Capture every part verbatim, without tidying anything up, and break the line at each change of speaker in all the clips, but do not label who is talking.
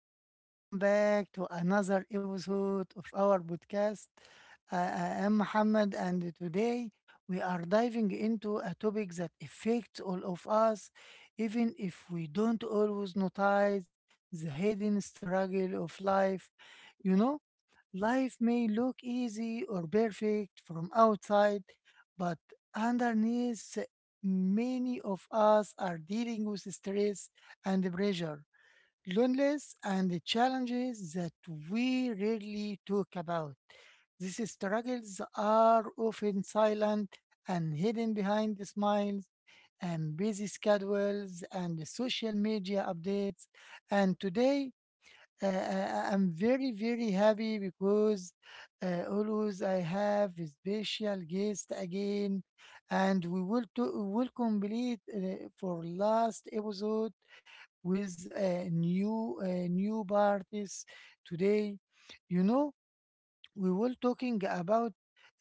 and welcome back to another episode of our podcast. I I am Muhammad, and today we are diving into a topic that affects all of us, even if we don't always notice the hidden struggle of life. You know, life may look easy or perfect from outside, but underneath, many of us are dealing with stress and pressure loneliness and the challenges that we rarely talk about. These struggles are often silent and hidden behind the smiles and busy schedules and the social media updates. And today uh, uh, I'm very, very happy because uh, always I have a special guest again, and we will to, will complete uh, for last episode with a new uh, new parties today. You know, we will talking about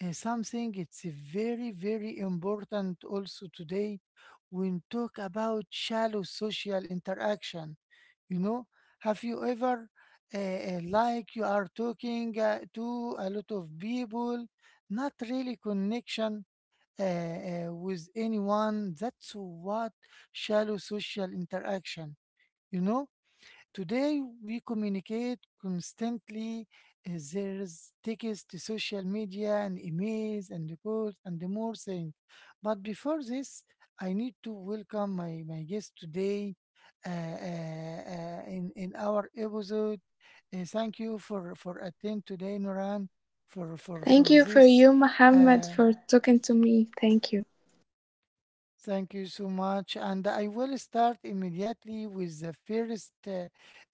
uh, something. It's very, very important also today. We talk about shallow social interaction, you know, have you ever, uh, uh, like you are talking uh, to a lot of people, not really connection uh, uh, with anyone? That's what shallow social interaction. You know, today, we communicate constantly. uh, There's text, social media, and emails, and calls, and the more things. But before this, I need to welcome my, my guest today uh, uh, uh, in, in our episode. Uh, thank you for, for attend today, Noran, for, for,
Thank
for
you for
this.
you, Mohammed,
Uh,
for talking to me. Thank you.
Thank you so much. And I will start immediately with the first uh,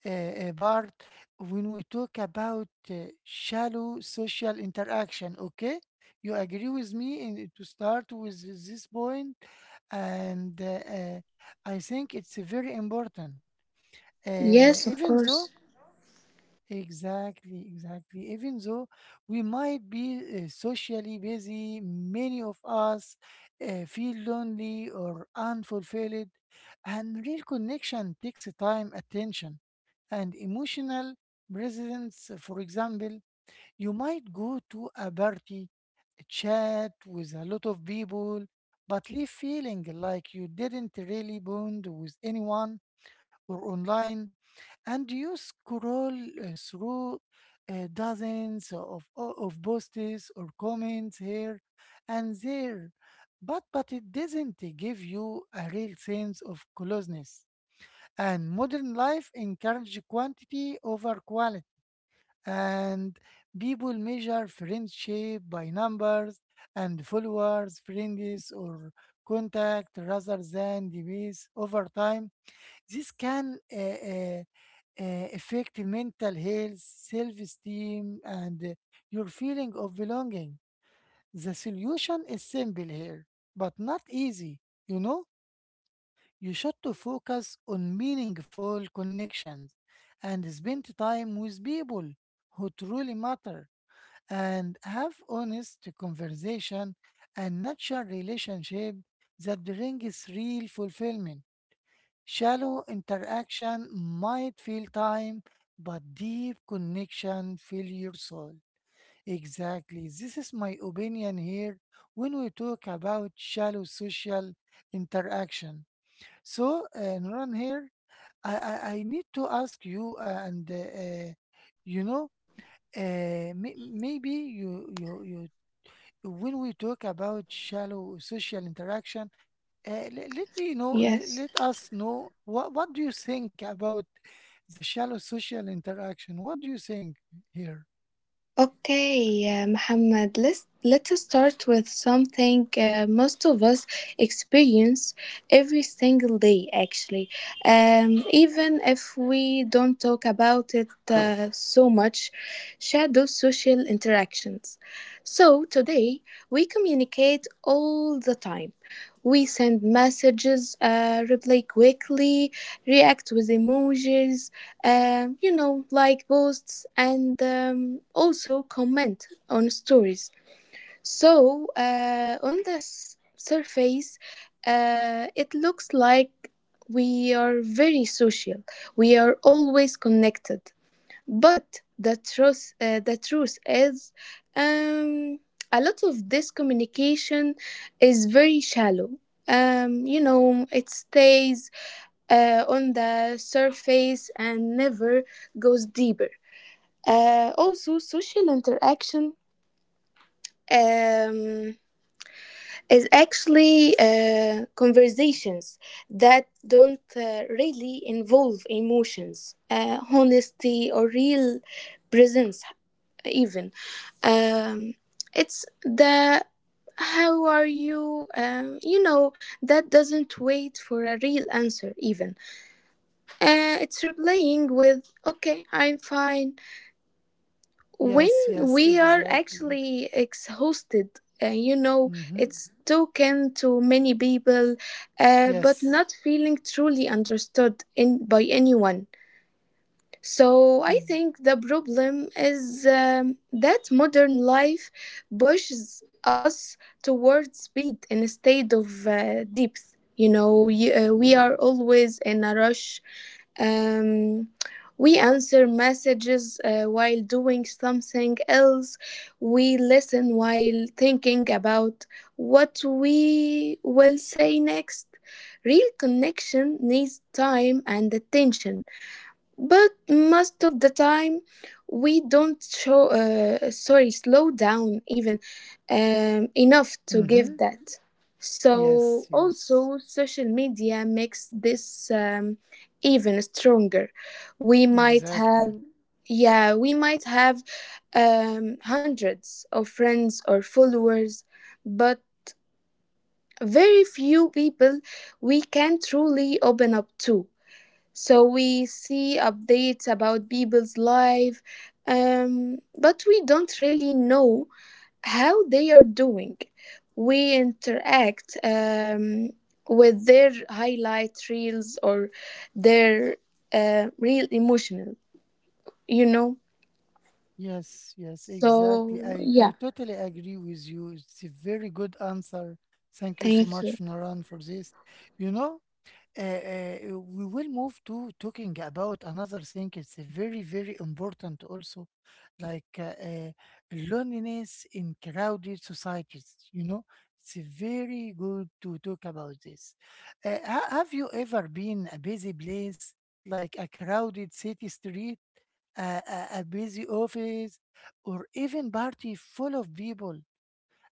uh, uh, part when we talk about uh, shallow social interaction. Okay? You agree with me in, to start with this point? And uh, uh, I think it's very important. Uh,
Yes, of
even though
course.
Exactly, exactly. Even though we might be uh, socially busy, many of us uh, feel lonely or unfulfilled, and real connection takes time, attention, and emotional presence. For example, you might go to a party, chat with a lot of people, but leave feeling like you didn't really bond with anyone or online, and you scroll uh, through uh, dozens of, o- of posts or comments here and there, but but it doesn't give you a real sense of closeness. And modern life encourages quantity over quality, and people measure friendship by numbers and followers, friends, or contact rather than the base over time. This can uh, uh, uh, affect mental health, self esteem, and uh, your feeling of belonging. The solution is simple here, but not easy. You know, you should to focus on meaningful connections and spend time with people who truly matter and have honest conversation and natural relationship that brings real fulfillment. Shallow interaction might fill time, but deep connection fill your soul. Exactly. This is my opinion here when we talk about shallow social interaction. So, uh, Nuran here, I, I, I need to ask you, uh, and uh, uh, you know, uh, may, maybe you, you, you, when we talk about shallow social interaction, uh, le- let
Yes.
me know, let, let us know what, what do you think about the shallow social interaction? What do you think here?
Okay, uh, Muhammad, let's let us start with something uh, most of us experience every single day, actually. Um, even if we don't talk about it uh, so much, shadow social interactions. So today we communicate all the time. We send messages, uh, reply quickly, react with emojis, um, you know, like posts and um, also comment on stories. So uh, on the s- surface, uh, it looks like we are very social. We are always connected. But the truth, uh, the truth is, um, a lot of this communication is very shallow. Um, you know, it stays uh, on the surface and never goes deeper. Uh, also, social interaction um, is actually uh, conversations that don't uh, really involve emotions, uh, honesty, or real presence, even. Um, it's the how are you, um, you know, that doesn't wait for a real answer, even. Uh, it's replying with, okay, I'm fine, when
Yes, yes,
we are
exactly.
actually exhausted. Uh, you know,
Mm-hmm.
it's token to many people, uh, but
Yes.
not feeling truly understood in, by anyone. So
e,
I think the problem is um, that modern life pushes us towards speed instead of uh, depth. You know, you, uh, we are always in a rush, um, we answer messages uh, while doing something else. We listen while thinking about what we will say next. Real connection needs time and attention, but most of the time we don't show uh, sorry, slow down even, um, enough to
Mm-hmm.
give that.
Yes,
So
yes,
also social media makes this um, even stronger. we might
exactly.
have yeah we might have um, hundreds of friends or followers, but very few people we can truly open up to. So we see updates about people's life, um, but we don't really know how they are doing. We interact um, with their highlight reels or their uh, real emotional, you know.
Yes, yes, exactly.
So
I, I
yeah,
totally agree with you. It's a very good answer. Thank you so
thank
much,
you.
Naran, for this. You know, uh, uh, uh, we will move to talking about another thing. It's very, very important also, like uh, uh, loneliness in crowded societies. You know, it's very good to talk about this. Uh, ha- have you ever been a busy place, like a crowded city street, a, a, a busy office, or even party full of people,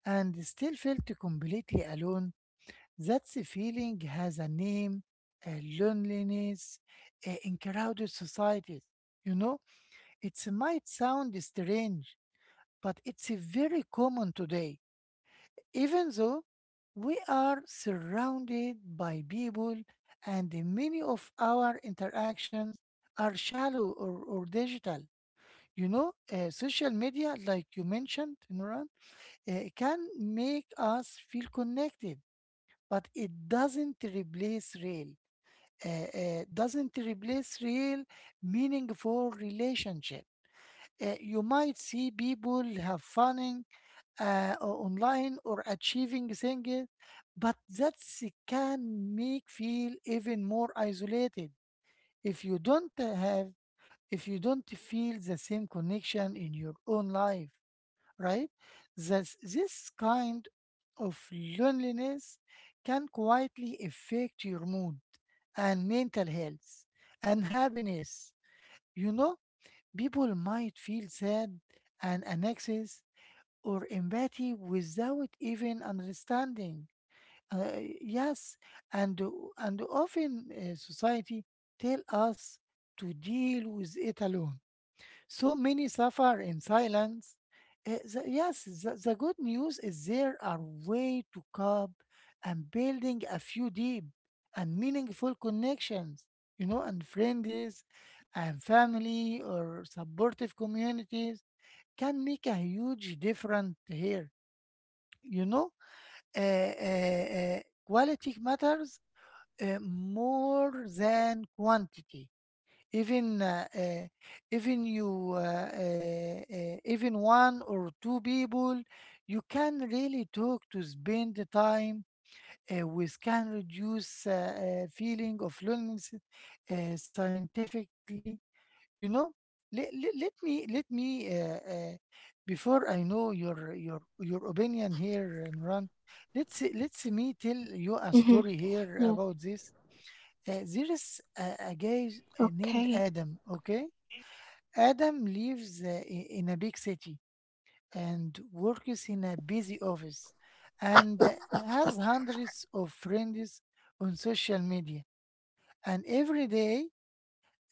and still felt completely alone? That feeling has a name, a loneliness uh, in crowded societies. You know, it might sound strange, but it's uh, very common today. Even though we are surrounded by people and many of our interactions are shallow or, or digital. You know, uh, social media, like you mentioned, Nuran, uh, can make us feel connected, but it doesn't replace real uh, uh, doesn't replace real meaningful relationship. Uh, you might see people have fun uh, o- online or achieving things, but that can make feel even more isolated if you don't have if you don't feel the same connection in your own life, right? This, this kind of loneliness can quietly affect your mood and mental health and happiness. You know, people might feel sad and anxious or empathy without even understanding. Uh, yes, and and often uh, society tell us to deal with it alone, so many suffer in silence. Uh, the- yes, the, the good news is there are way to cope and building a few deep and meaningful connections, you know, and friends and family or supportive communities can make a huge difference here. You know, uh, uh, uh, quality matters uh, more than quantity even uh, uh, even you uh, uh, uh, even one or two people you can really talk to spend the time uh, with can reduce uh, uh, feeling of loneliness uh, scientifically, you know, let, let, let me let me uh, uh, before I know your your your opinion here, and run let's let's me tell you a
Mhm.
story
Yeah.
here about this. Uh, there is a, a guy uh,
Okay.
named Adam, okay? Adam lives uh, i- in a big city and works in a busy office and uh, has hundreds of friends on social media. And every day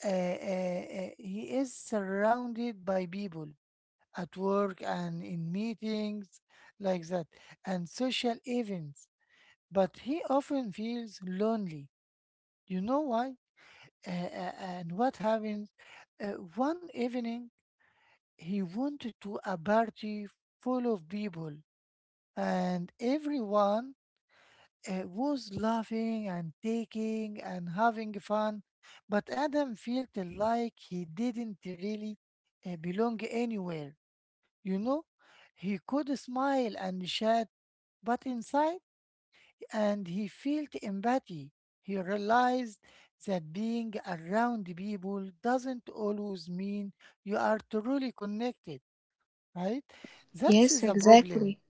uh, uh, uh, he is surrounded by people at work and in meetings like that and social events. But he often feels lonely. You know why? Uh, uh, and what happens? Uh, One evening, he wanted to a party full of people, and everyone uh, was laughing and taking and having fun. But Adam felt like he didn't really uh, belong anywhere. You know, he could smile and chat, but inside, and he felt empathy. He realized that being around people doesn't always mean you are truly connected, right? That is
Yes,
a problem
exactly.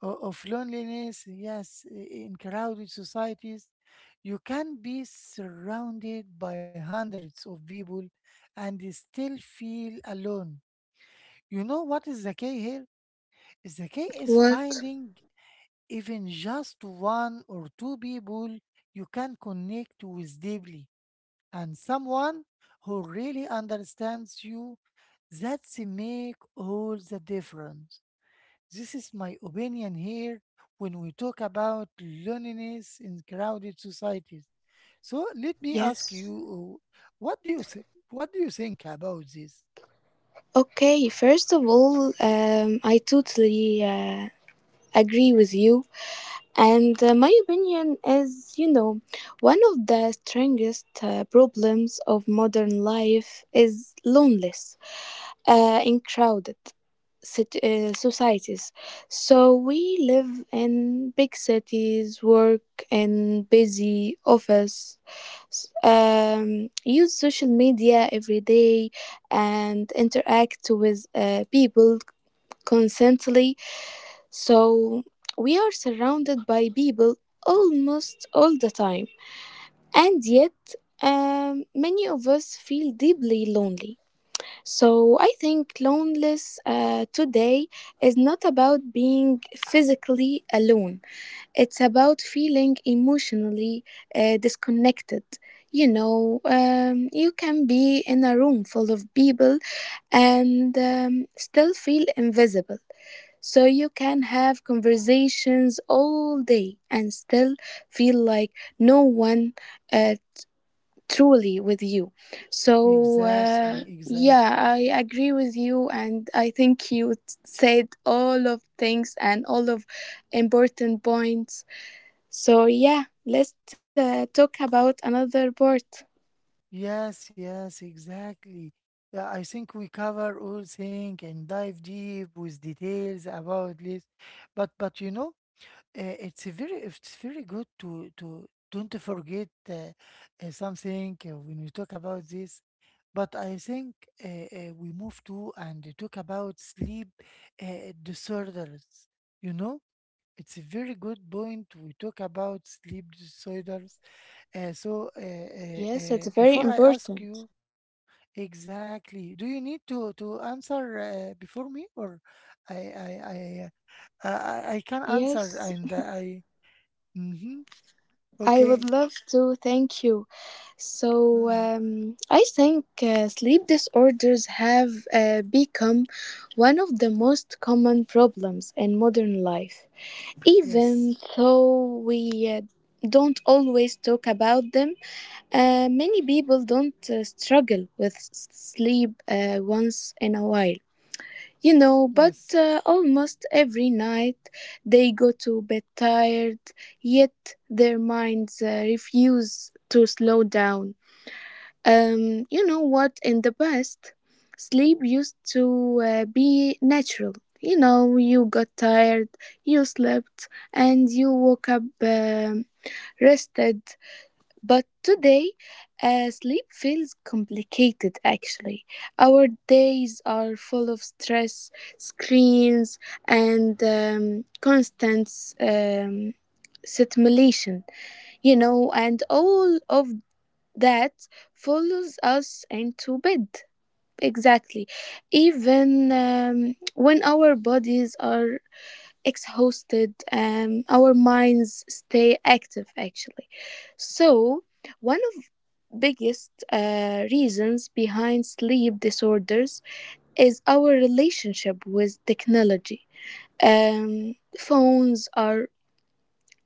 o- of loneliness. Yes, i- in crowded societies, you can be surrounded by hundreds of people and still feel alone. You know what is the key here? The key is
What?
finding even just one or two people you can connect with deeply and someone who really understands you. That's make all the difference. This is my opinion here when we talk about loneliness in crowded societies. So let me
Yes.
ask you, uh, what do you think? What do you think about this?
Okay, first of all, um, I totally uh, agree with you. And uh, my opinion is, you know, one of the strongest uh, problems of modern life is loneliness uh, in crowded cit- uh, societies. So we live in big cities, work in busy office, s- um, use social media every day, and interact with uh, people constantly. So we are surrounded by people almost all the time, and yet um, many of us feel deeply lonely. So I think loneliness uh, today is not about being physically alone. It's about feeling emotionally uh, disconnected. You know, um, you can be in a room full of people and um, still feel invisible. So you can have conversations all day and still feel like no one uh, truly with you. So uh,
Exactly,
yeah,
exactly.
I agree with you, and I think you said all of things and all of important points. So, yeah, let's uh, talk about another part.
Yes, yes, exactly. Yeah, I think we cover all things and dive deep with details about this. But but you know, Uh, it's a very it's very good to to don't forget uh, uh, something uh, when we talk about this, but I think uh, uh, we move to and talk about sleep uh, disorders, you know. It's a very good point we talk about sleep disorders. uh, so uh, uh,
Yes,
uh,
it's very
Before I ask you,
important.
exactly, do you need to to answer uh, before me or i i i uh, i, I I can answer
Yes,
and I Mhm.
I
Okay.
would love to. Thank you. So,
Uh,
um, I think uh, sleep disorders have uh, become one of the most common problems in modern life.
yes.
Even though we uh, don't always talk about them, uh, many people don't uh, struggle with s- sleep uh, once in a while. You know, but
Yes.
uh, almost every night they go to bed tired, yet their minds uh, refuse to slow down. Um, you know what? In the past, sleep used to uh, be natural. You know, you got tired, you slept, and you woke up um rested. But today, uh, sleep feels complicated actually. Our days are full of stress, screens, and um, constant um, stimulation, you know, and all of that follows us into bed. Exactly. Even um, when our bodies are exhausted, um, our minds stay active actually. So one of biggest uh, reasons behind sleep disorders is our relationship with technology. Um, phones are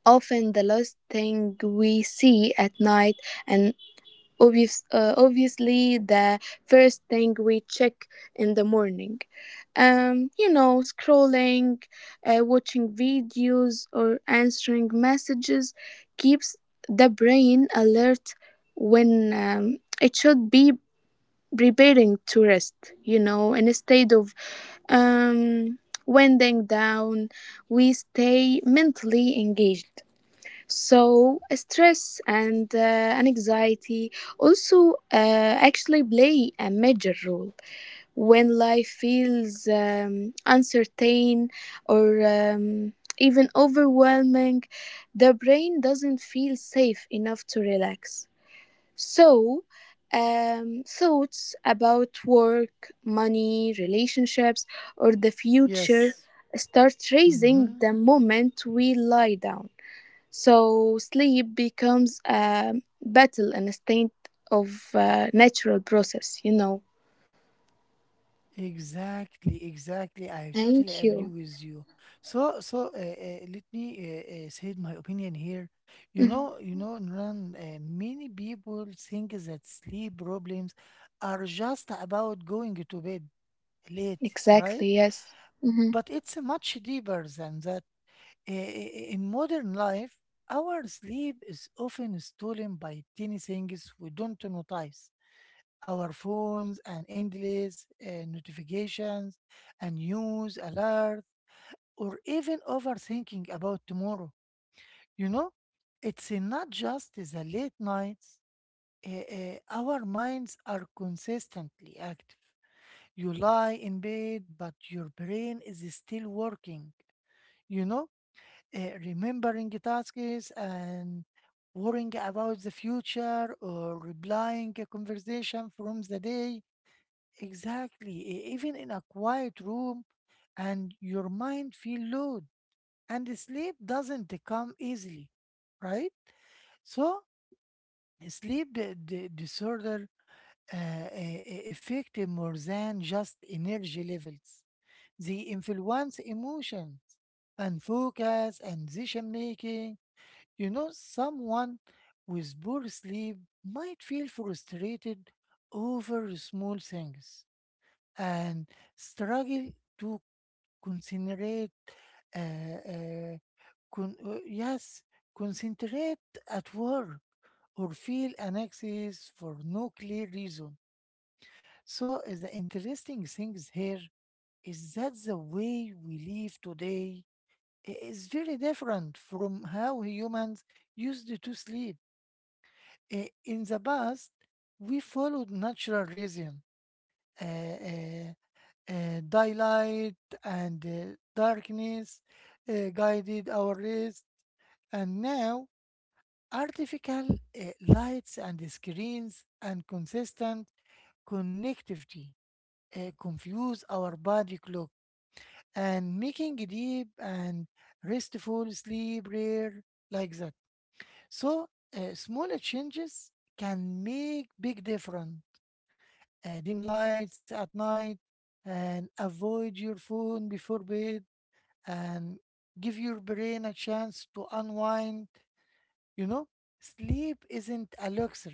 often the last thing we see at night, and Obvious, uh, obviously, the first thing we check in the morning. Um, you know, scrolling, uh, watching videos, or answering messages keeps the brain alert when um, it should be preparing to rest. You know, instead of um, winding down, we stay mentally engaged. So stress and uh, anxiety also uh, actually play a major role when life feels um, uncertain or um, even overwhelming. The brain doesn't feel safe enough to relax. So um, thoughts about work, money, relationships, or the
Yes.
future start raising
Mm-hmm.
the moment we lie down. So sleep becomes a battle and a state of uh, natural process, you know.
Exactly. Exactly. I totally
Thank
agree
you.
with you. So, so uh, uh, let me uh, uh, say my opinion here. You
Hmm.
know, you know, Nran, uh, many people think that sleep problems are just about going to bed late, right?
Exactly, yes. Mm-hmm.
But it's much deeper than that. I- i- In modern life, our sleep is often stolen by tiny things we don't notice. Our phones and endless uh, notifications and news alerts, or even overthinking about tomorrow. You know, it's not just the late nights. Uh, uh, our minds are consistently active. You lie in bed, but your brain is still working. You know, uh, remembering the tasks and worrying about the future or replying a conversation from the day. Exactly, e- even in a quiet room, and your mind feel load, and the sleep doesn't come easily, right? So sleep di- di- disorder uh, a- a- affect more than just energy levels. They influence emotions and focus and decision making. You know, someone with poor sleep might feel frustrated over small things and struggle to concentrate. Uh, uh, con- uh, yes, concentrate at work or feel anxious for no clear reason. So uh, the interesting things here is that the way we live today i- is very different from how humans used to sleep. Uh, in the past, we followed natural rhythm, uh, uh, uh, daylight and uh, darkness uh, guided our rest, and now artificial uh, lights and screens and consistent connectivity uh, confuse our body clock and making deep and restful sleep rare like that. So uh, small changes can make big difference. Uh, dim lights at night, and avoid your phone before bed, and give your brain a chance to unwind. You know, sleep isn't a luxury,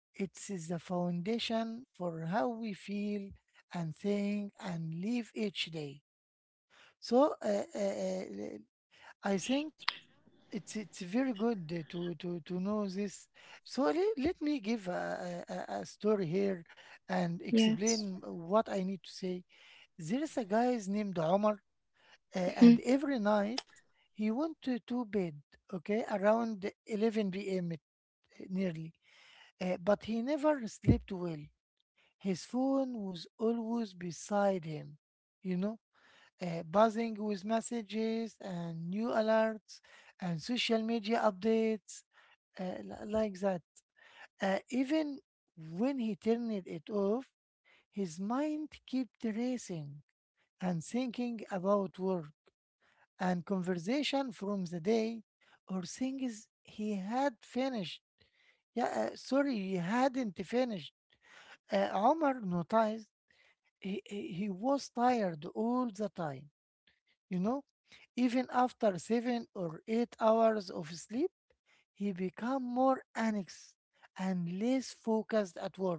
it is the foundation for how we feel and think and live each day. So, uh, uh, uh, I think it's it's very good uh, to to to know this. So let, let me give a, a, a a story here and
Yes.
explain what I need to say. There is a guy named Omar, uh, and
Hmm.
every night he went to, to bed, okay, around eleven p m it- nearly, uh, but he never slept well. His phone was always beside him, you know, uh, buzzing with messages and new alerts and social media updates uh, li- like that. Uh, even when he turned it off, his mind kept racing and thinking about work and conversation from the day or things he had finished. Yeah, uh, sorry, he hadn't finished. Uh, Omar noticed he, he he was tired all the time, you know? Even after seven or eight hours of sleep, he became more anxious and less focused at work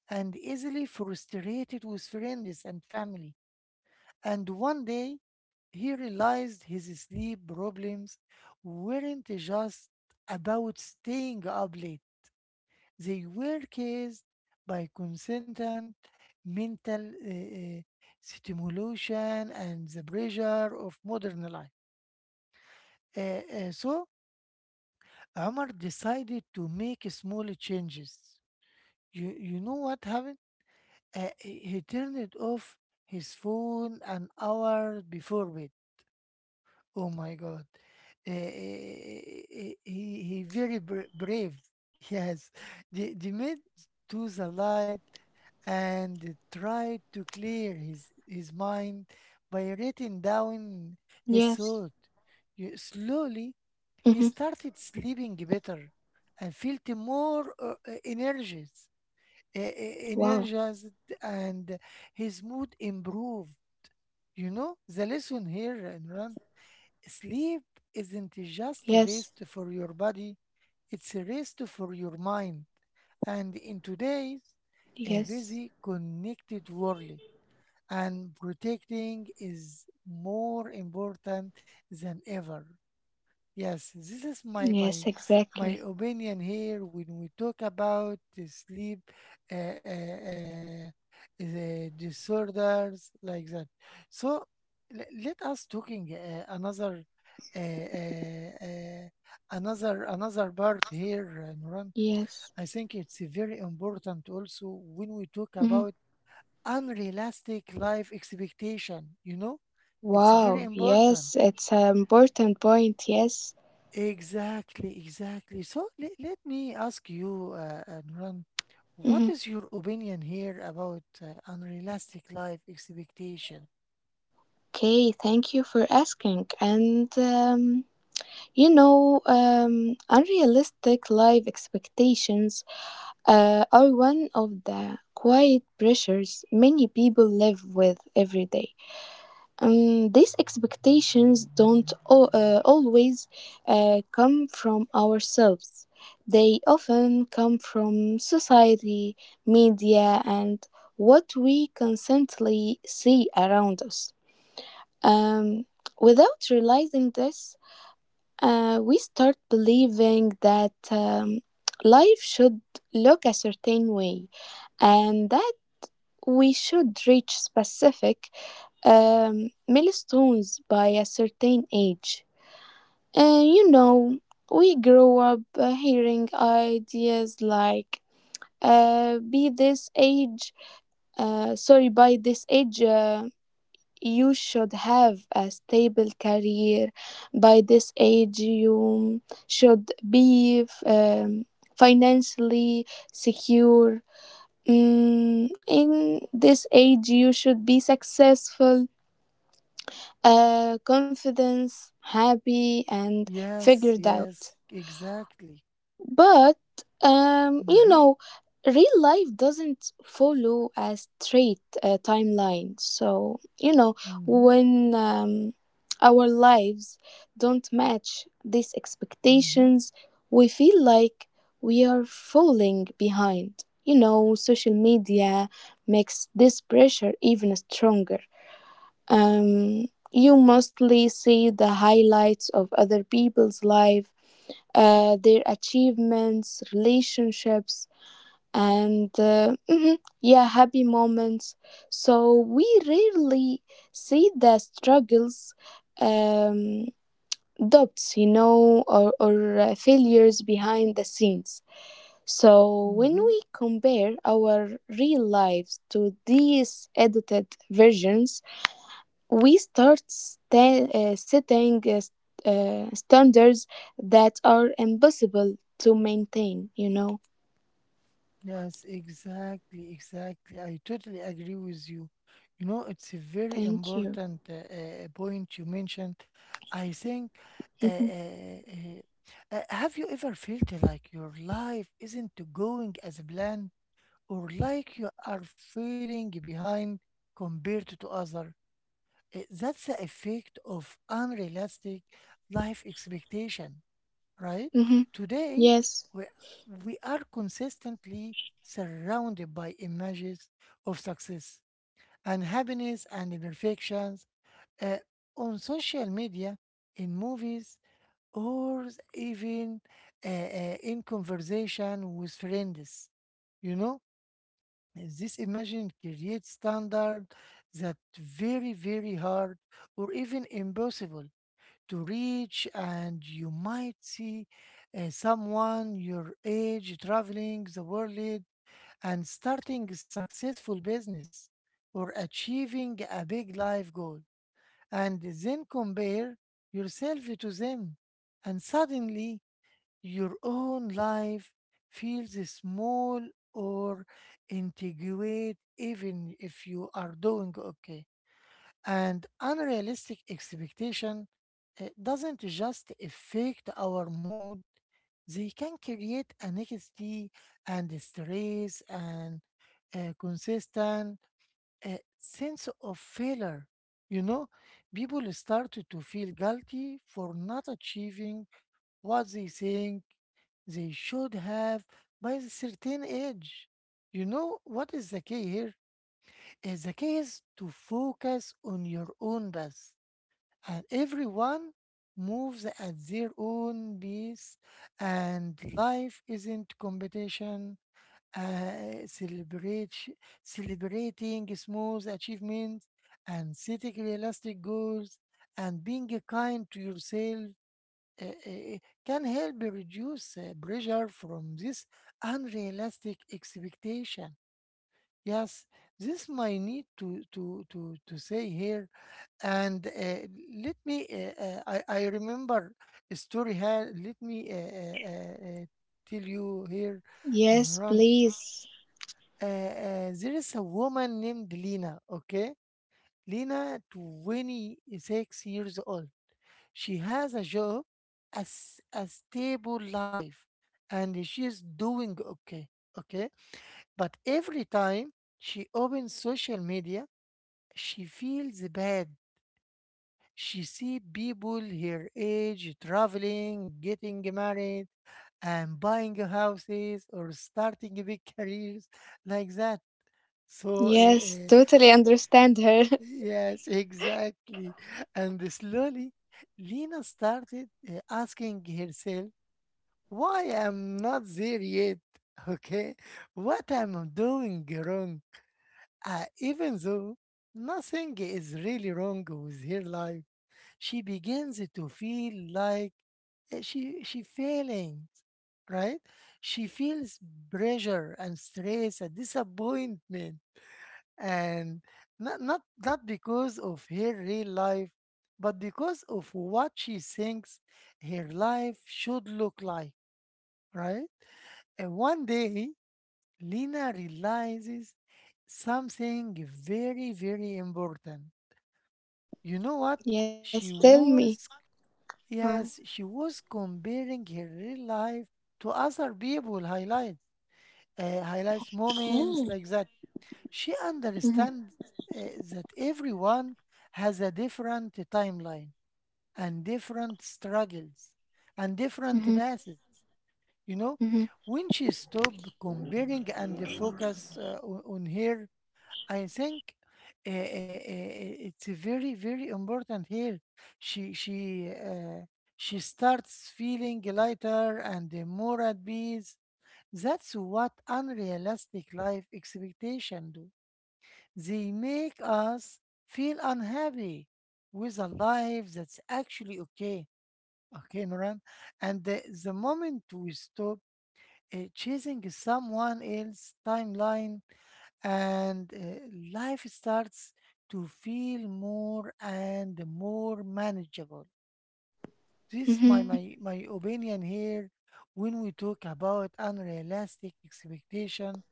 and easily frustrated with friends and family. And one day, he realized his sleep problems weren't just about staying up late, they were caused by constant mental uh, uh, stimulation and the pressure of modern life. Uh, uh, so, Omar decided to make small changes. You, you know what happened? Uh, he he turned off his phone an hour before bed. Oh my God. Eh, eh, eh, eh, he, he very bra- brave. Yes. They, they made to the light and tried to clear his, his mind by writing
Yes.
down his thought. Y-
Hmm.
Slowly, he started sleeping better and felt more uh, uh, energies, eh, eh,
Wow.
energized, and his mood improved. You know, the lesson here, Imran. Sleep
Yes.
isn't just rest for your body, it's a rest for your mind. And in today's
Yes.
uh, busy, connected world, and protecting is more important than ever. Yes, this is
Yes,
my my
exactly.
my opinion here when we talk about the sleep uh, uh, uh, the disorders like that. So le- let us talking uh, another uh, uh, uh, another another part here, uh, Nuran.
Yes.
I think it's very important also when we talk
Hmm.
about unrealistic life expectation. You know, it's very
Wow.
important.
Yes, it's an important point. Yes.
Exactly, exactly. So let, let me ask you, uh, uh, Nuran, what
Hmm.
is your opinion here about uh, unrealistic life expectation?
Okay, thank you for asking. And um, you know, um, unrealistic life expectations uh, are one of the quiet pressures many people live with every day. Um, these expectations don't al- uh, always uh, come from ourselves, they often come from society, media, and what we constantly see around us. Um, Without realizing this, uh, we start believing that um, life should look a certain way and that we should reach specific um, milestones by a certain age. And you know, we grow up uh, hearing ideas like uh, be this age, uh, sorry, by this age. Uh, you should have a stable career, by this age you should be f- um, financially secure. Mm, in this age you should be successful, uh, confident, happy, and figured
Yes,
out.
yes, exactly.
But, um, you know,
Mm-hmm,
real life doesn't follow a straight uh, timeline. So, you know,
mm-hmm,
when um, our lives don't match these
mm-hmm,
expectations, we feel like we are falling behind. You know, social media makes this pressure even stronger. Um, you mostly see the highlights of other people's life, uh, their achievements, relationships, and uh, mhm, yeah, happy moments. So we rarely see the struggles, um, doubts, you know, or, or uh, failures behind the scenes. So when we
mm-hmm.
compare our real lives to these edited versions, we start sta- uh, setting uh, s- uh, standards that are impossible to maintain, you know.
Yes, exactly, exactly. I totally agree with you. You know, it's a very
Thank you.
important uh, uh, point you mentioned. I think, uh,
Mm-hmm.
uh, uh, uh, have you ever felt like your life isn't going as planned or like you are feeling behind compared to other? Uh, that's the effect of unrealistic life expectation, right?
Mm-hmm.
Today,
Yes.
we, we are consistently surrounded by images of success and happiness and imperfections uh, on social media, in movies, or even uh, uh, in conversation with friends. You know, this imagine creates standard that very, very hard or even impossible to reach, and you might see uh, someone your age traveling the world and starting a successful business or achieving a big life goal, and then compare yourself to them, and suddenly your own life feels small or inadequate, even if you are doing okay. And unrealistic expectation uh, doesn't just affect our mood, they can create anxiety and stress and a consistent uh, sense of failure. You know, people start to feel guilty for not achieving what they think they should have by a certain age. You know what is the key here? Is the key is to focus on your own path, and everyone moves at their own pace, and life isn't competition. Uh, celebrate Celebrating small achievements and setting realistic goals and being kind to yourself uh, uh, can help reduce uh, pressure from this unrealistic expectation. Yes, this my need to to to to say here, and uh, let me. Uh, uh, I I remember a story here. Let me uh, uh, uh, uh, tell you here,
Yes,
and run.
please.
Uh, uh, there is a woman named Lena. Okay, Lena, twenty six years old. She has a job, as a stable life, and she is doing okay. Okay, but every time she opens social media she feels bad. She see people her age traveling, getting married, and buying houses or starting big careers like that. So, uh,
Yes,
uh,
totally understand her.
yes, exactly. And slowly, Lena started uh, asking herself, why I'm not there yet? Okay, what I'm doing wrong? Uh, even though nothing is really wrong with her life, she begins to feel like uh, she she failing, right? She feels pressure and stress and disappointment, and not not not because of her real life, but because of what she thinks her life should look like, right? And one day, Lena realizes something very very important. You know what?
Yes,
She
tell me.
was.
Okay.
Yes, she was comparing her real life to other people highlights, uh, highlights moments like that. She
Mm-hmm.
understands uh, that everyone has a different timeline and different struggles and
Mm-hmm.
different paths. You know,
Mm-hmm.
when she stopped comparing and focus uh, on on her, I think uh, uh, uh, it's very very important here. She she uh, she starts feeling lighter and uh, more at peace. That's what unrealistic life expectation do. They make us feel unhappy with a life that's actually okay. Okay, Noran. And the, the moment we stop uh, chasing someone else's timeline and uh, life starts to feel more and more manageable. This
Mm-hmm.
my, my, my opinion here when we talk about unrealistic expectation.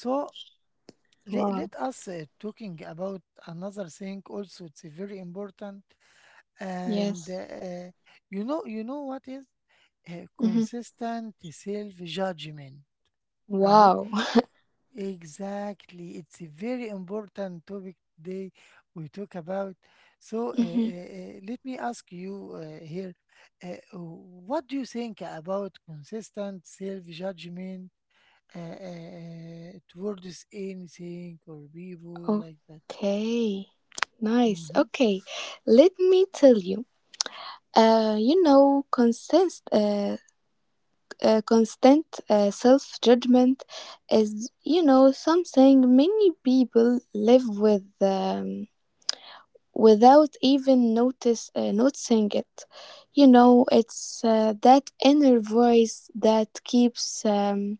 So
Wow.
let, let us uh, talking about another thing also it's very important,
Yes.
and uh, you know, you know what is uh,
Mm-hmm.
consistent self judgment, right?
Wow.
Exactly. It's a very important topic today we talk about. So, uh, uh,
Mm-hmm.
uh, let me ask you uh, here, uh, what do you think about consistent self-judgment uh, uh, towards anything or people like that?
Okay. Nice.
Mm-hmm.
Okay. Let me tell you. Uh, you know, constant, uh, uh, constant uh, self judgment is, you know, something many people live with um, without even notice uh, noticing it. You know, it's uh, that inner voice that keeps um,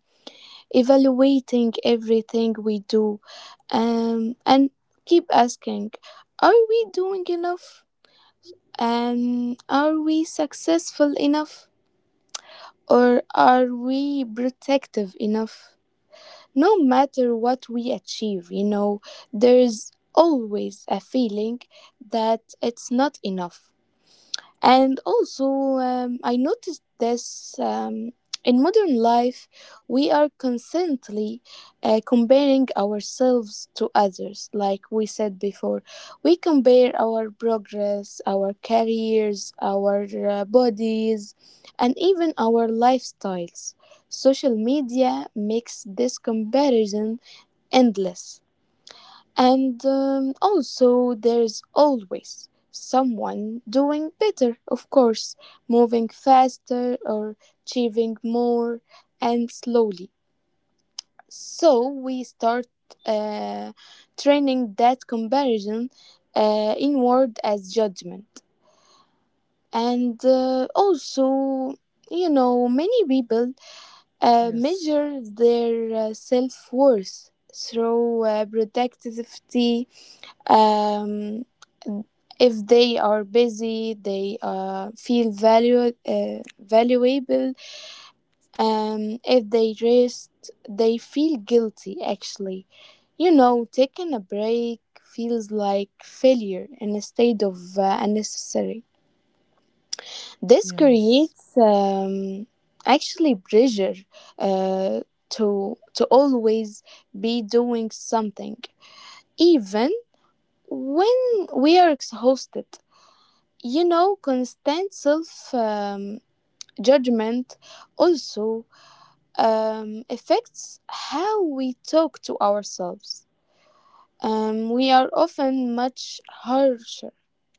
evaluating everything we do, um, and keep asking, "Are we doing enough? And are we successful enough?" Or are we protective enough? No matter what we achieve, you know, there's always a feeling that it's not enough. And also, um, I noticed this um, in modern life, we are constantly uh, comparing ourselves to others. Like we said before, we compare our progress, our careers, our uh, bodies, and even our lifestyles. Social media makes this comparison endless. And um, also, there's always someone doing better, of course, moving faster or achieving more and slowly. So, we start uh, training that comparison uh, inward as judgment. And uh, also, you know, many people uh,
Yes.
measure their uh, self worth through uh, productivity. um, if they are busy they uh, feel value, uh, valuable. Um, if they rest they feel guilty actually. You know, taking a break feels like failure instead of uh, unnecessary. This
Yes.
creates um, actually pressure uh, to to always be doing something even when we are exhausted. You know, constant self um, judgment also um, affects how we talk to ourselves. Um, we are often much harsher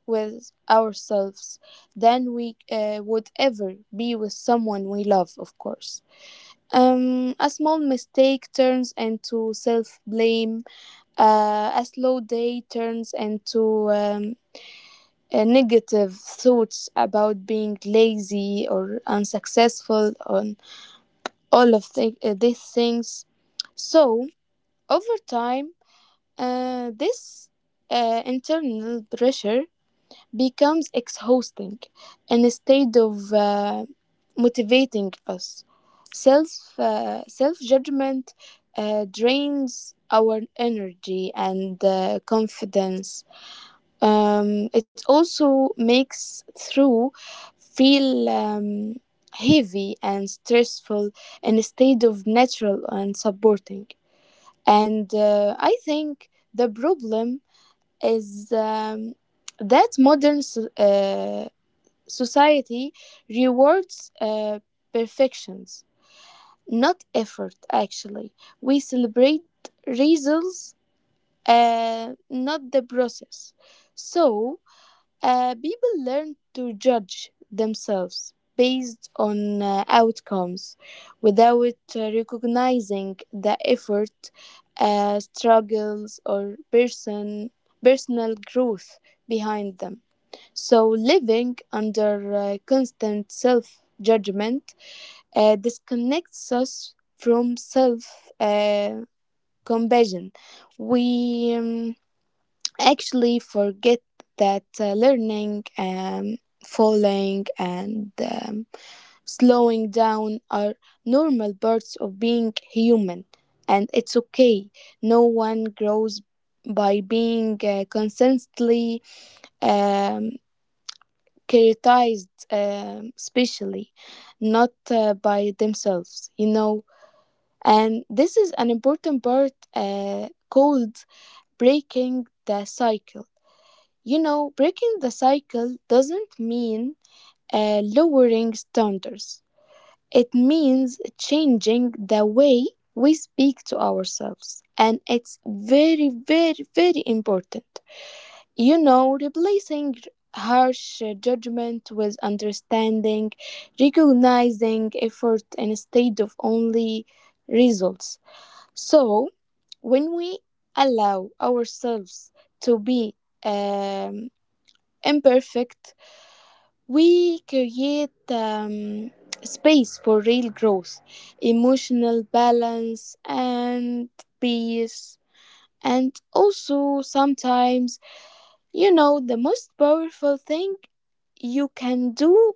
with ourselves than we uh, would ever be with someone we love, of course. Um, a small mistake turns into self blame, uh, a slow day turns into um, uh, negative thoughts about being lazy or unsuccessful on all of the, uh, these things. So over time uh, this uh, internal pressure becomes exhausting instead of uh, motivating us. Self uh, self judgment uh, drains our energy and uh, confidence. Um, it also makes through feel um, heavy and stressful instead of natural and supporting. And uh, I think the problem is um, that modern so- uh, society rewards uh, perfections, not effort, actually. We celebrate results, uh, not the process. So, uh, people learn to judge themselves based on uh, outcomes without uh, recognizing the effort, uh, struggles, or person, personal growth behind them. So, living under uh, constant self judgment uh, disconnects us from self uh, compassion. We um, actually forget that uh, learning, um, falling, and um, slowing down are normal parts of being human. And it's okay. No one grows by being uh, constantly um, criticized, um, especially not uh, by themselves, you know. And this is an important part uh, called breaking the cycle. You know, breaking the cycle doesn't mean uh, lowering standards. It means changing the way we speak to ourselves. And it's very, very, very important. You know, replacing harsh judgment with understanding, recognizing effort instead of only results. So, when we allow ourselves to be um, imperfect, we create um, space for real growth, emotional balance, and peace. And also, sometimes, you know, the most powerful thing you can do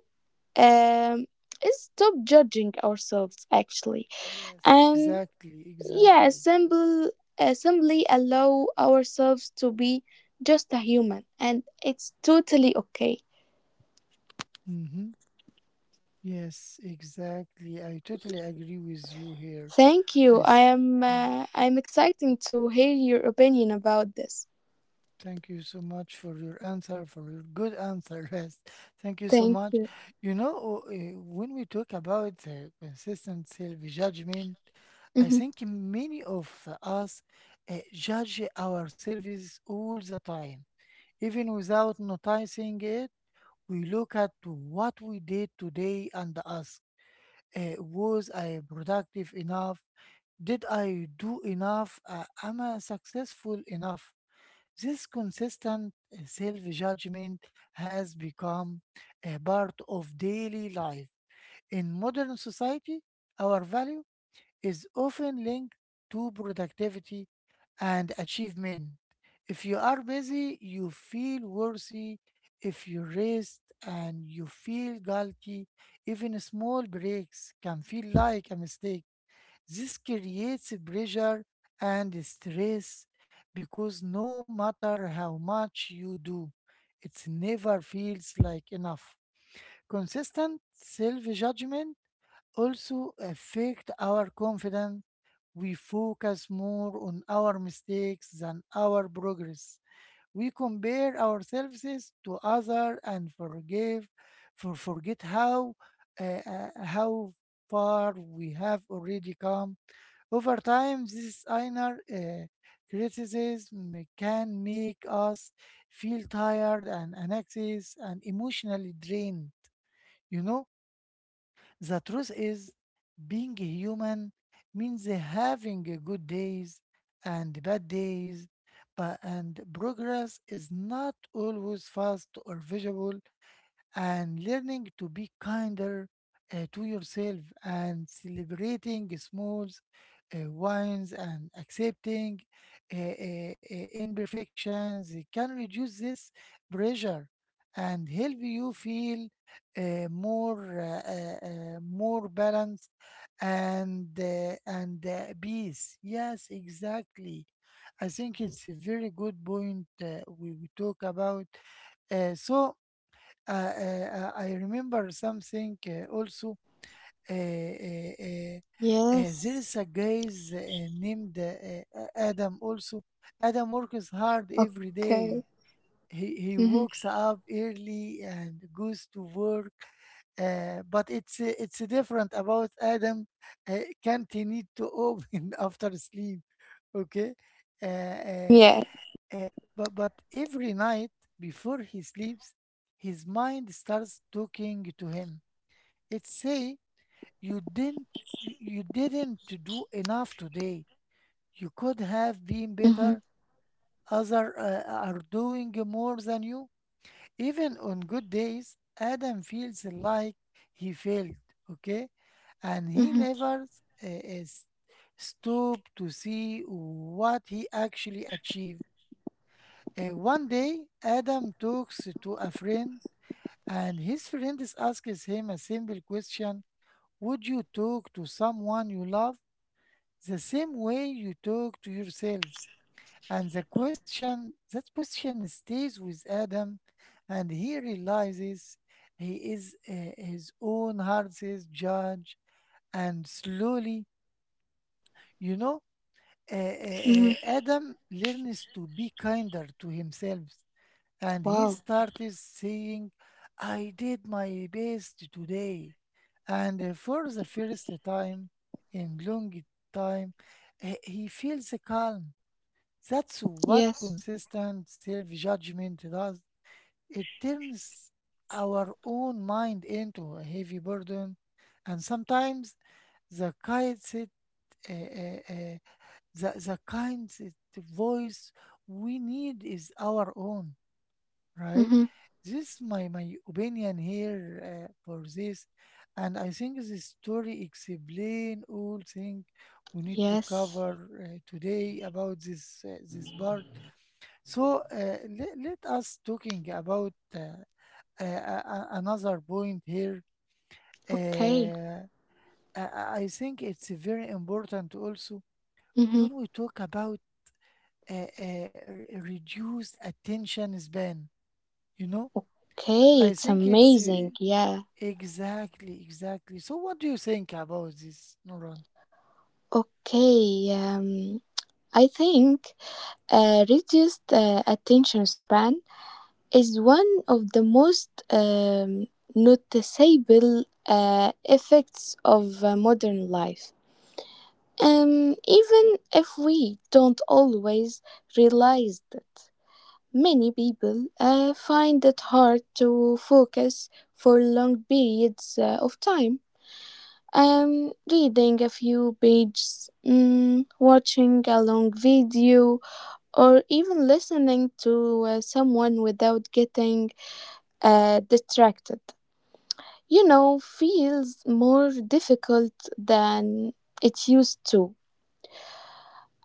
um, is stop judging ourselves, actually.
Yes,
And
exactly.
yeah,
Exactly.
simple, uh, simply allow ourselves to be just a human, and it's totally okay.
Mm-hmm. Yes, exactly. I totally agree with you here.
Thank you.
I
I
see.
am
Mm.
uh, I'm excited to hear your opinion about this.
Thank you so much for your answer, for your good answer. Yes, thank you so
Thank
much.
you.
You know, uh, when we talk about uh, consistent self-judgment,
Mm-hmm.
I think many of us uh, judge ourselves all the time, even without noticing it. We look at what we did today and ask, uh, was I productive enough? Did I do enough? Uh, am I successful enough? This consistent self judgment has become a part of daily life. In modern society, our value is often linked to productivity and achievement. If you are busy, you feel worthy. If you rest and you feel guilty, even small breaks can feel like a mistake. This creates pressure and stress because no matter how much you do, it never feels like enough. Consistent self-judgment also affect our confidence. We focus more on our mistakes than our progress. We compare ourselves to others and forgive for forget how uh, uh, how far we have already come. Over time, this inner uh, criticism can make us feel tired and anxious and emotionally drained. You know, the truth is, being human means having good days and bad days, but and progress is not always fast or visible, and learning to be kinder uh, to yourself and celebrating small uh, wins and accepting uh, uh, uh, imperfections can reduce this pressure and help you feel uh, more uh, uh, uh, more balance and uh, and uh, peace. Yes, exactly. I think it's a very good point uh, we, we talk about. Uh, so uh, uh, uh, I remember something uh, also. Uh, uh, uh, uh,
Yes.
there is a guys uh, named uh, uh, Adam also. Adam works hard every
Okay.
day. He, he
Mm-hmm.
wakes up early and goes to work. Uh, but it's uh, it's different about Adam. Uh, can't he need to open after sleep? Okay. Uh, uh,
Yeah.
uh, but but every night before he sleeps, his mind starts talking to him. It say, you didn't, you you didn't do enough today. You could
Mm-hmm.
have been better. Other uh, are doing more than you. Even on good days, Adam feels like he failed. Okay, and he
Mm-hmm.
never uh, uh, stop to see what he actually achieved. Uh, one day, Adam talks to a friend, and his friend is asks him a simple question. Would you talk to someone you love the same way you talk to yourself? And the question, that question stays with Adam, and he realizes he is uh, his own heart's judge. And slowly, you know, uh, uh,
Mm-hmm.
uh, Adam learns to be kinder to himself, and he
Wow.
started saying, I did my best today. And uh, for the first time in long time, he he feels calm. That's
Yes.
what consistent self judgment does. It turns our own mind into a heavy burden, and sometimes the kind it, uh, uh, uh, the, the kind it voice we need is our own, right?
Mm-hmm.
This my my opinion here uh, for this, and I think this story explain all thing we need to
Yes.
cover uh, today about this uh, this part. So uh, let, let us talking about uh, uh, a- a- another point here.
Okay.
Uh, I I- I think it's very important also
Mm-hmm.
when we talk about uh, uh, re- reduced attention span. You know,
Okay.
I
It's
think it's uh,
amazing. Yeah.
Exactly, exactly. So what do you think about this, Nuran?
Okay. Um. I think uh, reduced uh, attention span is one of the most um, noticeable uh, effects of uh, modern life, um, even if we don't always realize it. Many people uh, find it hard to focus for long periods uh, of time. Um, reading a few pages, mm, watching a long video, or even listening to uh, someone without getting uh, distracted, you know, feels more difficult than it used to.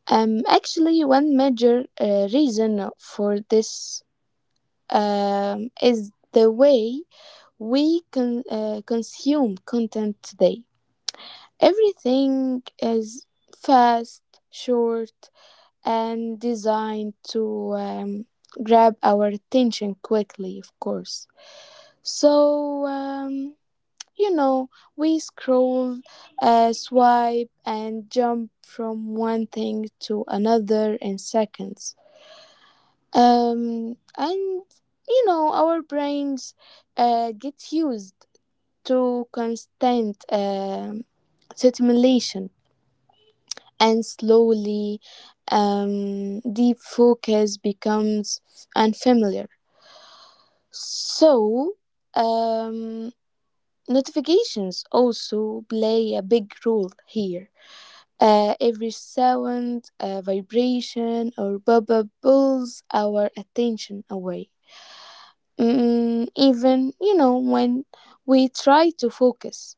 Um, actually, one major uh, reason for this um, is the way we con- uh, consume content today. Everything is fast, short, and designed to um, grab our attention quickly, of course. So, um, you know, we scroll, uh, swipe, and jump from one thing to another in seconds. Um, and, you know, our brains uh, get used to constant um stimulation, and slowly, um, deep focus becomes unfamiliar. So, um, notifications also play a big role here. Uh, every sound, uh, vibration, or bubble pulls our attention away. Mm, even, you know, when we try to focus.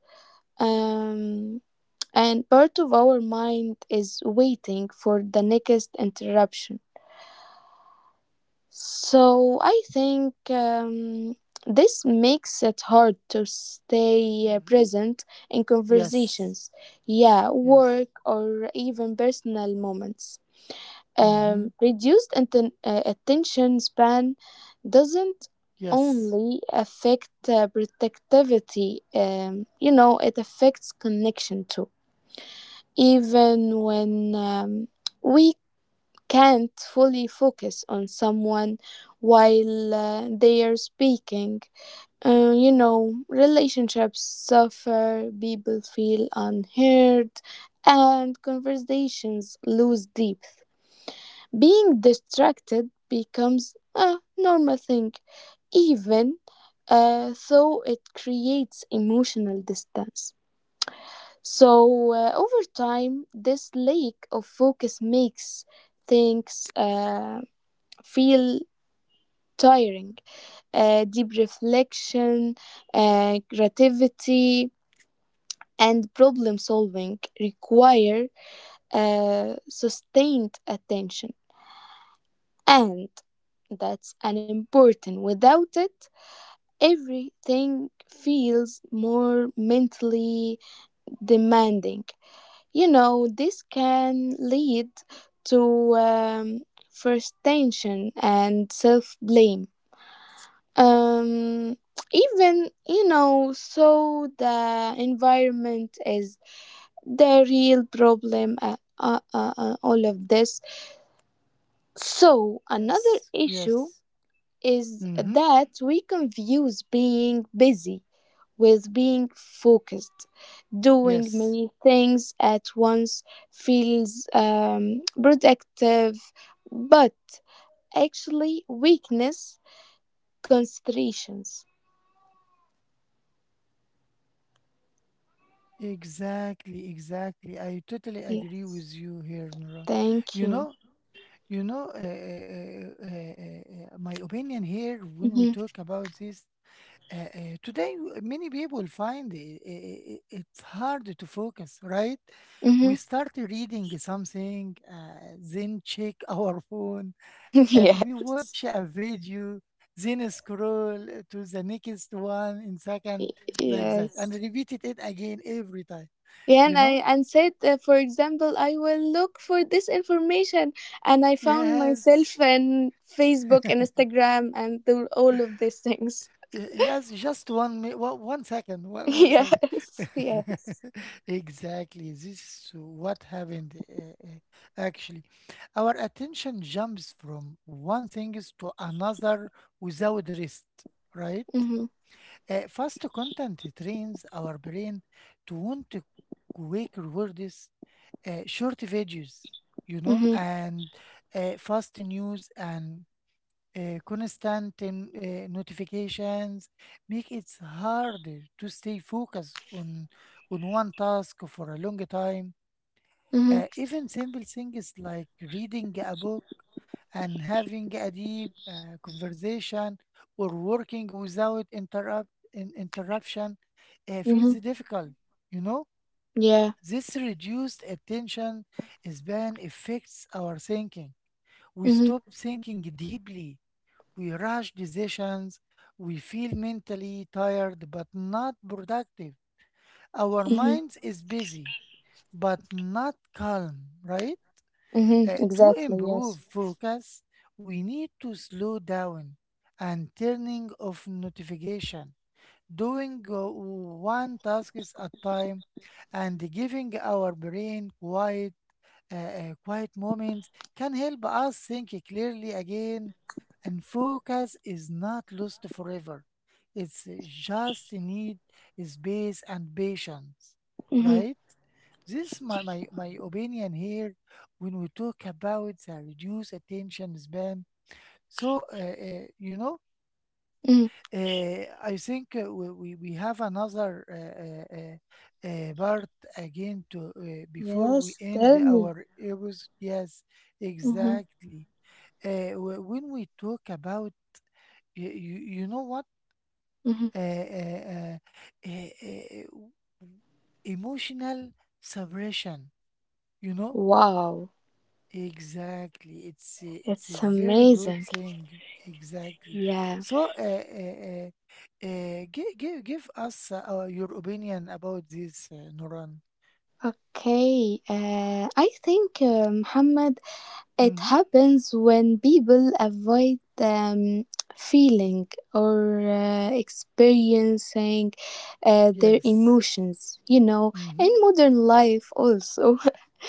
Um, and part of our mind is waiting for the next interruption. So I think um, this makes it hard to stay uh,
Mm-hmm.
present in conversations,
Yes,
yeah, work,
yes,
or even personal moments. Um,
mm-hmm,
reduced atten- uh, attention span doesn't
yes,
only affect uh, productivity, um, you know, it affects connection too. Even when um, we can't fully focus on someone while uh, they are speaking, uh, you know, relationships suffer, people feel unheard, and conversations lose depth. Being distracted becomes a normal thing, even uh, though it creates emotional distance. So, uh, over time, this lack of focus makes things uh, feel tiring. Uh, deep reflection, uh, creativity, and problem solving require uh, sustained attention. And that's an important. Without it, everything feels more mentally demanding. You know, this can lead to um, frustration and self blame. Um, even, you know, so the environment is the real problem, uh, uh, uh, uh, all of this. So, another
yes,
issue
yes,
is
mm-hmm,
that we confuse being busy with being focused. Doing
yes.
many things at once feels um, productive, but actually weakness concentrations.
Exactly, exactly. I totally agree
Yes.
with you here, Nuran.
Thank
You
you.
know, you know, uh, uh, uh, uh, uh, uh, My opinion here when we talk
Mm-hmm.
about this. Uh, uh, today, w- many people find i- i- i- it's hard to focus, right?
Mm-hmm.
We start reading something, uh, then check our phone, uh, we
Yes.
watch a video, then scroll to the next one in second, like that, and
Yes.
repeated it again every time,
Yeah, and,
you
I,
know?
and said, uh, for example, I will look for this information. And I found
Yes.
myself in Facebook and Instagram and the, all of these things.
Y- Yes, just one minute. Well, one second. One, one
Yes,
second.
yes.
Exactly. This is what happened uh, uh, actually. Our attention jumps from one thing is to another without rest, right?
Mm-hmm,
Uh, fast content trains our brain to want to quick rewards, uh, short videos, you know,
mm-hmm,
and uh, fast news and uh, constant um, uh, notifications make it hard to stay focused on on one task for a long time.
mm-hmm,
Uh, even simple things like reading a book and having a deep uh, conversation or working without interrupt in, interruption uh, feels
mm-hmm.
difficult. You know,
Yeah.
this reduced attention span affects our thinking. We
Mm-hmm,
stop thinking deeply, we rush decisions. We feel mentally tired but not productive. Our
mm-hmm,
minds is busy but not calm, right?
mm-hmm.
Uh, to
Exactly,
improve
yes.
focus, we need to slow down and turning off notification, doing uh, one task is at time, and giving our brain quiet uh, uh, quiet moments can help us think clearly again, and focus is not lost forever, it's just need space and patience,
Mm-hmm,
right? This my, my my opinion here when we talk about the reduced attention span. so uh, uh, you know
mm-hmm.
uh, I think uh, we, we we have another uh, uh, uh, uh, part again to uh, before we
Yes,
end
tell me.
our episode. Yes,
Mm-hmm,
exactly. Uh, wh- when we talk about you, you, you know what,
mm-hmm.
uh, uh, uh, uh, uh, w- emotional suppression, you know.
Wow,
Exactly. It's a, it's a
it's
very good
amazing.
thing. Exactly.
Yeah.
So, uh, uh, uh, uh, give, give, give us uh, our, your opinion about this, uh, Noran.
Okay, uh, I think, uh, Muhammad, it
Mm-hmm.
happens when people avoid um, feeling or uh, experiencing uh, their
Yes.
emotions. You know, in
Mm-hmm.
modern life, also,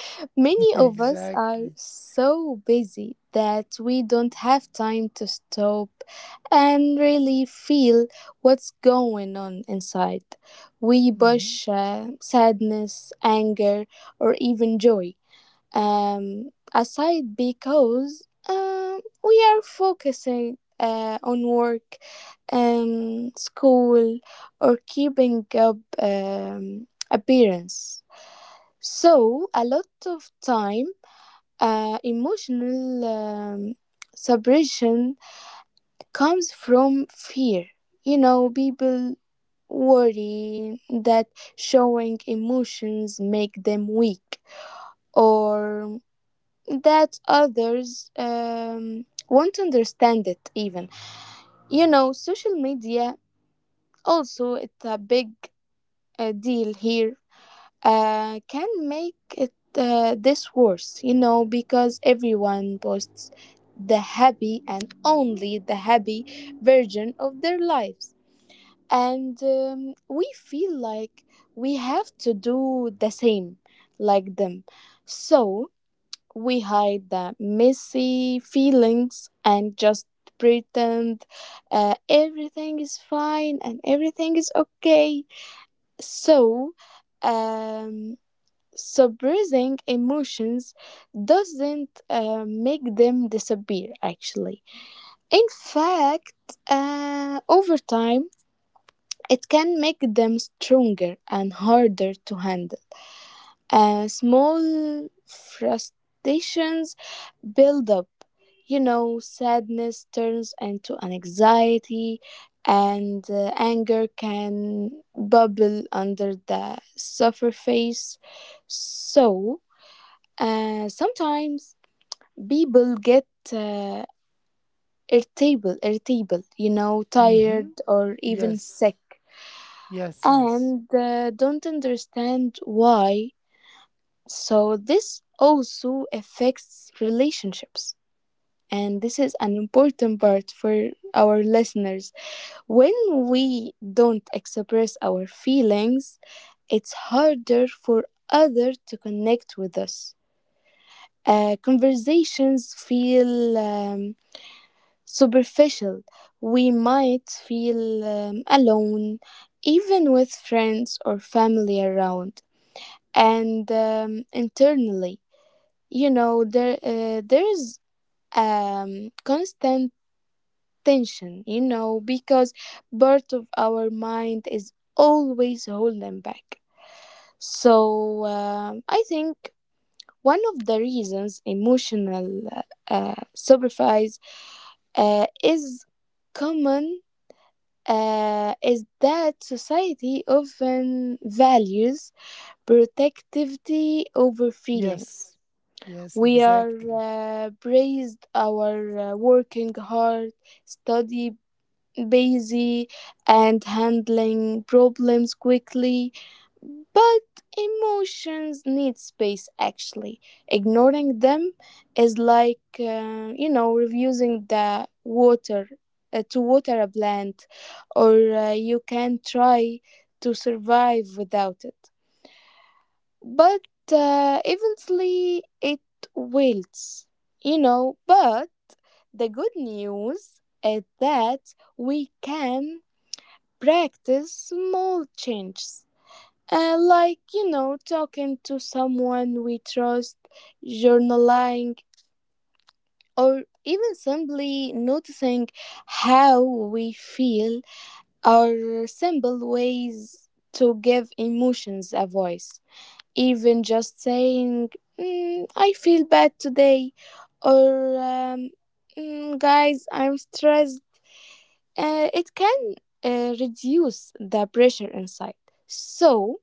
many of us are
Exactly.
so busy that we don't have time to stop and really feel what's going on inside. We
Mm-hmm.
push uh, sadness, anger, or even joy um, aside because um, we are focusing uh, on work, um, school, or keeping up um, appearance. So, a lot of time, uh, emotional um, suppression comes from fear. You know, people worry that showing emotions make them weak or that others um, won't understand it. Even, you know, social media also, it's a big uh, deal here, uh, can make it uh, this worse, you know, because everyone posts the happy and only the happy version of their lives, and um, we feel like we have to do the same, like them. So we hide the messy feelings and just pretend uh, everything is fine and everything is okay. So, um, suppressing emotions doesn't uh, make them disappear, actually. In fact, uh, over time, it can make them stronger and harder to handle. uh, small frustrations build up. You know, sadness turns into anxiety, and uh, anger can bubble under the surface. So, uh, sometimes people get uh, irritable, irritable, you know, tired
Mm-hmm.
or even
Yes.
sick,
Yes. Yes.
and uh, don't understand why. So this also affects relationships, and this is an important part for our listeners. When we don't express our feelings, it's harder for others to connect with us. Uh, conversations feel um, superficial. We might feel um, alone, even with friends or family around. And um, internally, you know, there uh, there's um constant tension, you know, because part of our mind is always holding back. So um, I think one of the reasons emotional uh, sacrifice uh, is common uh, is that society often values protectivity over feelings.
Yes. Yes.
We are
Exactly.
uh, praised our uh, working hard, study busy, and handling problems quickly. But emotions need space, actually. Ignoring them is like, uh, you know, refusing the water uh, to water a plant, or uh, you can try to survive without it, but uh, eventually it wilts, you know. But the good news is that we can practice small changes. Uh, like, you know, talking to someone we trust, journaling, or even simply noticing how we feel are simple ways to give emotions a voice. Even just saying, "Mm, I feel bad today," or um, "Mm, guys, I'm stressed," uh, it can uh, reduce the pressure inside. So,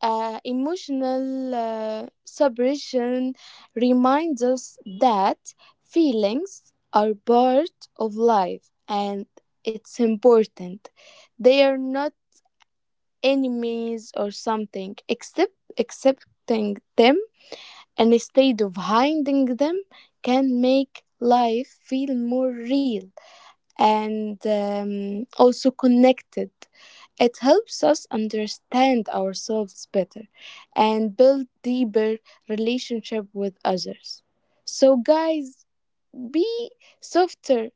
uh, emotional uh, suppression reminds us that feelings are part of life and it's important. They are not enemies or something, except accepting them, and instead of hiding them, can make life feel more real and um, also connected. It helps us understand ourselves better and build deeper relationship with others. So guys, be softer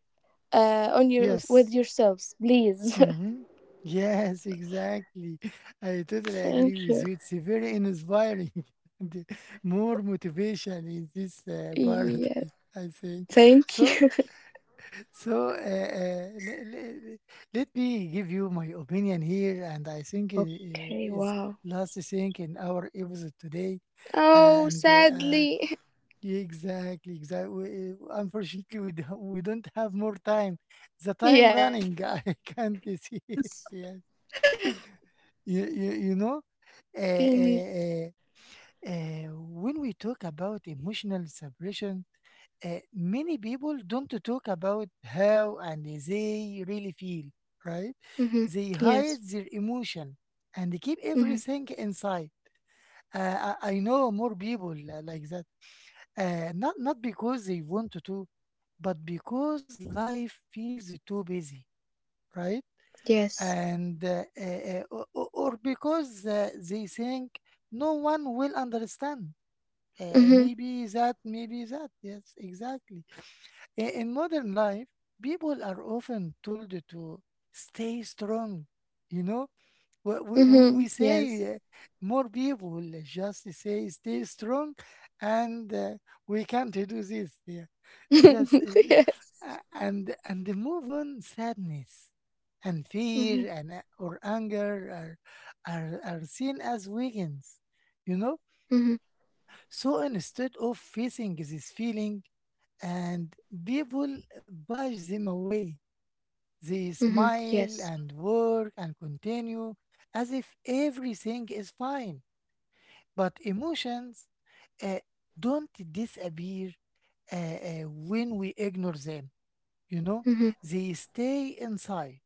uh, on your with
Yes.
yourselves, please.
Mhm. Yes, exactly. I totally
Thank
agree with
you.
you. It's very inspiring and more motivation in this uh, part,
Yeah,
I think.
thank
So,
you.
so uh, uh, le- le- le- Let me give you my opinion here, and I think it i-
Okay,
is
wow.
last thing in our episode today.
Oh,
And uh,
sadly.
yeah, exactly, exactly. Unfortunately, we don't, we don't have more time. The time
Yes.
running, I can't see.
Yes.
Yeah. You you you know, uh, uh,
Mhm.
uh, uh, when we talk about emotional separation, uh, many people don't talk about how and they really feel, right?
Mhm.
They hide
Yes.
their emotion and keep
Mhm.
everything inside. Uh, I, I know more people uh, like that. Uh, not not because they want to, but because life feels too busy, right?
Yes.
And uh, uh, uh, o- or because uh, they think no one will understand. Uh,
Mhm.
maybe that maybe that, yes, exactly. I- in modern life, people are often told to stay strong. You know, we, we, we we
Mhm. Yes.
say uh, more people just say stay strong, and uh, we can't do this, yeah. That's uh,
Yes.
a- and and they move on. Sadness and
Mhm.
fear and a- or anger are are, are seen as weakness, you know.
Mhm.
So instead of facing this feeling and people bash them away, they
Mhm. Yes.
smile and work and continue as if everything is fine. But emotions uh, don't disappear uh, uh, when we ignore them, you know,
Mhm.
they stay inside,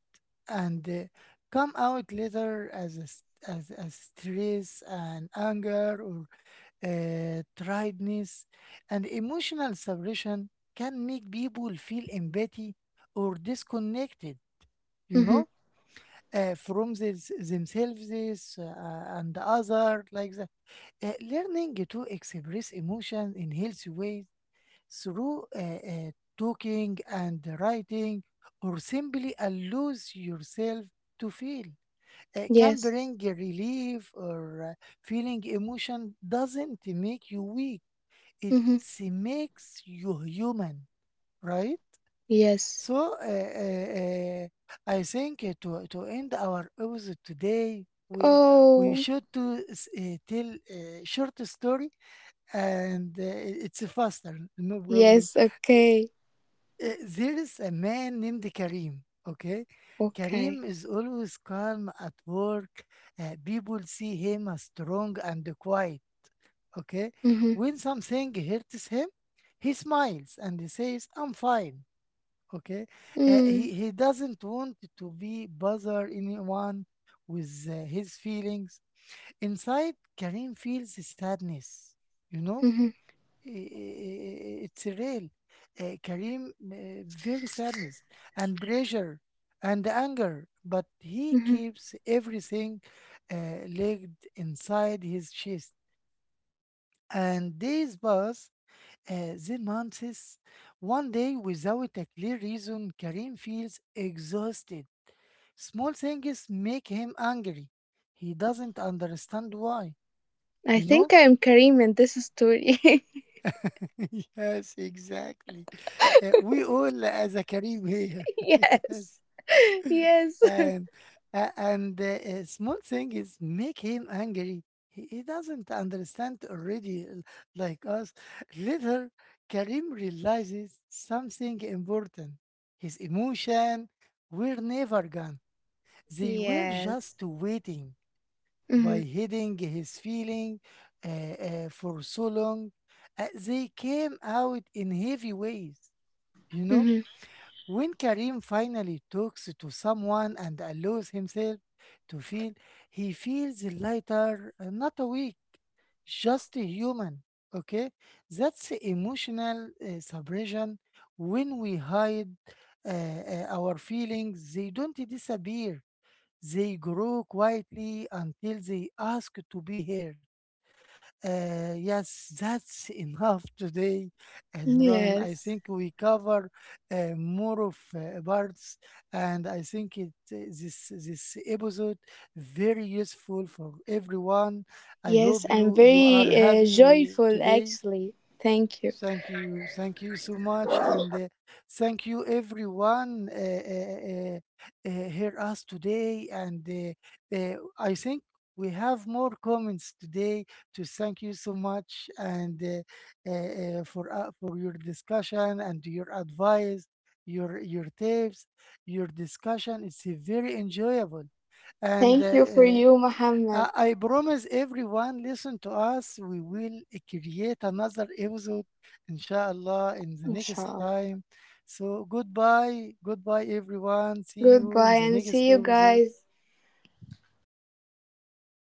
and uh, come out later as a, st- as, as stress and anger or uh, tiredness. And emotional suppression can make people feel empathy or disconnected, you
Mhm.
know, uh, from this, themselves uh, and the other, like that. Uh, learning to express emotion in healthy ways through uh, uh, talking and writing, or simply allows yourself to feel, uh, can
Yes.
bring a relief. Or uh, Feeling emotion doesn't make you weak. It
Mhm.
makes you human, right?
Yes.
So, uh, uh, uh, I think uh, to to end our episode today, we we
Oh.
should to s- uh, tell a short story, and uh, it's faster, no problem.
Yes. Okay.
Uh, there is a man named Karim. Okay,
Okay.
Karim is always calm at work. Uh, people see him as strong and quiet. Okay,
Mhm.
when something hurts him, he smiles and he says, "I'm fine." Okay. Uh, he
Mm.
he doesn't want to be bother anyone with uh, his feelings. Inside, Karim feels sadness. You know,
Mhm.
I- i- it's real. Uh, Kareem, uh, very sadness and pressure and anger, but he
Mhm.
keeps everything uh, locked inside his chest. And days pass, uh, then months. One day, without a clear reason, Karim feels exhausted. Small things make him angry. He doesn't understand why,
I
you
think
know?
I'm Karim, and this is Tori.
Yes, exactly. Uh, we all as a Karim here.
Yes.
Yes.
Yes.
And uh, and uh, a small thing is make him angry. He, he doesn't understand already l- like us. Later, Karim realizes something important. His emotion were never gone. They were
Yes.
just waiting. By
Mhm.
hiding his feeling uh, uh, for so long, uh, they came out in heavy ways. You know,
Mhm.
when Karim finally talks to someone and allows himself to feel, he feels lighter, uh, not a weak, just a human. Okay, that's emotional uh, suppression. When we hide uh, uh, our feelings, they don't disappear. They grow quietly until they ask to be heard. Uh, yes, that's enough today. And Ron, I
Yes.
think we cover uh, more of uh, parts, and I think it uh, this this episode very useful for everyone. I
Yes,
hope
I'm
you you
very
are
uh,
happy
joyful
today.
actually. Thank you.
Thank you. Thank you so much. And uh, thank you, everyone, uh, uh, uh, uh, hear us today. And uh, uh, I think we have more comments today to thank you so much, and uh, uh, uh, for uh, for your discussion and your advice, your your tips, your discussion. It's uh, very enjoyable. And uh,
Thank you for
uh,
you,
uh,
Muhammad.
I promise everyone listen to us. We will create another episode, inshallah, in the next
Inshallah.
time. So goodbye. Goodbye, everyone. See you in
Goodbye
the
and see
next
you
episode.
guys.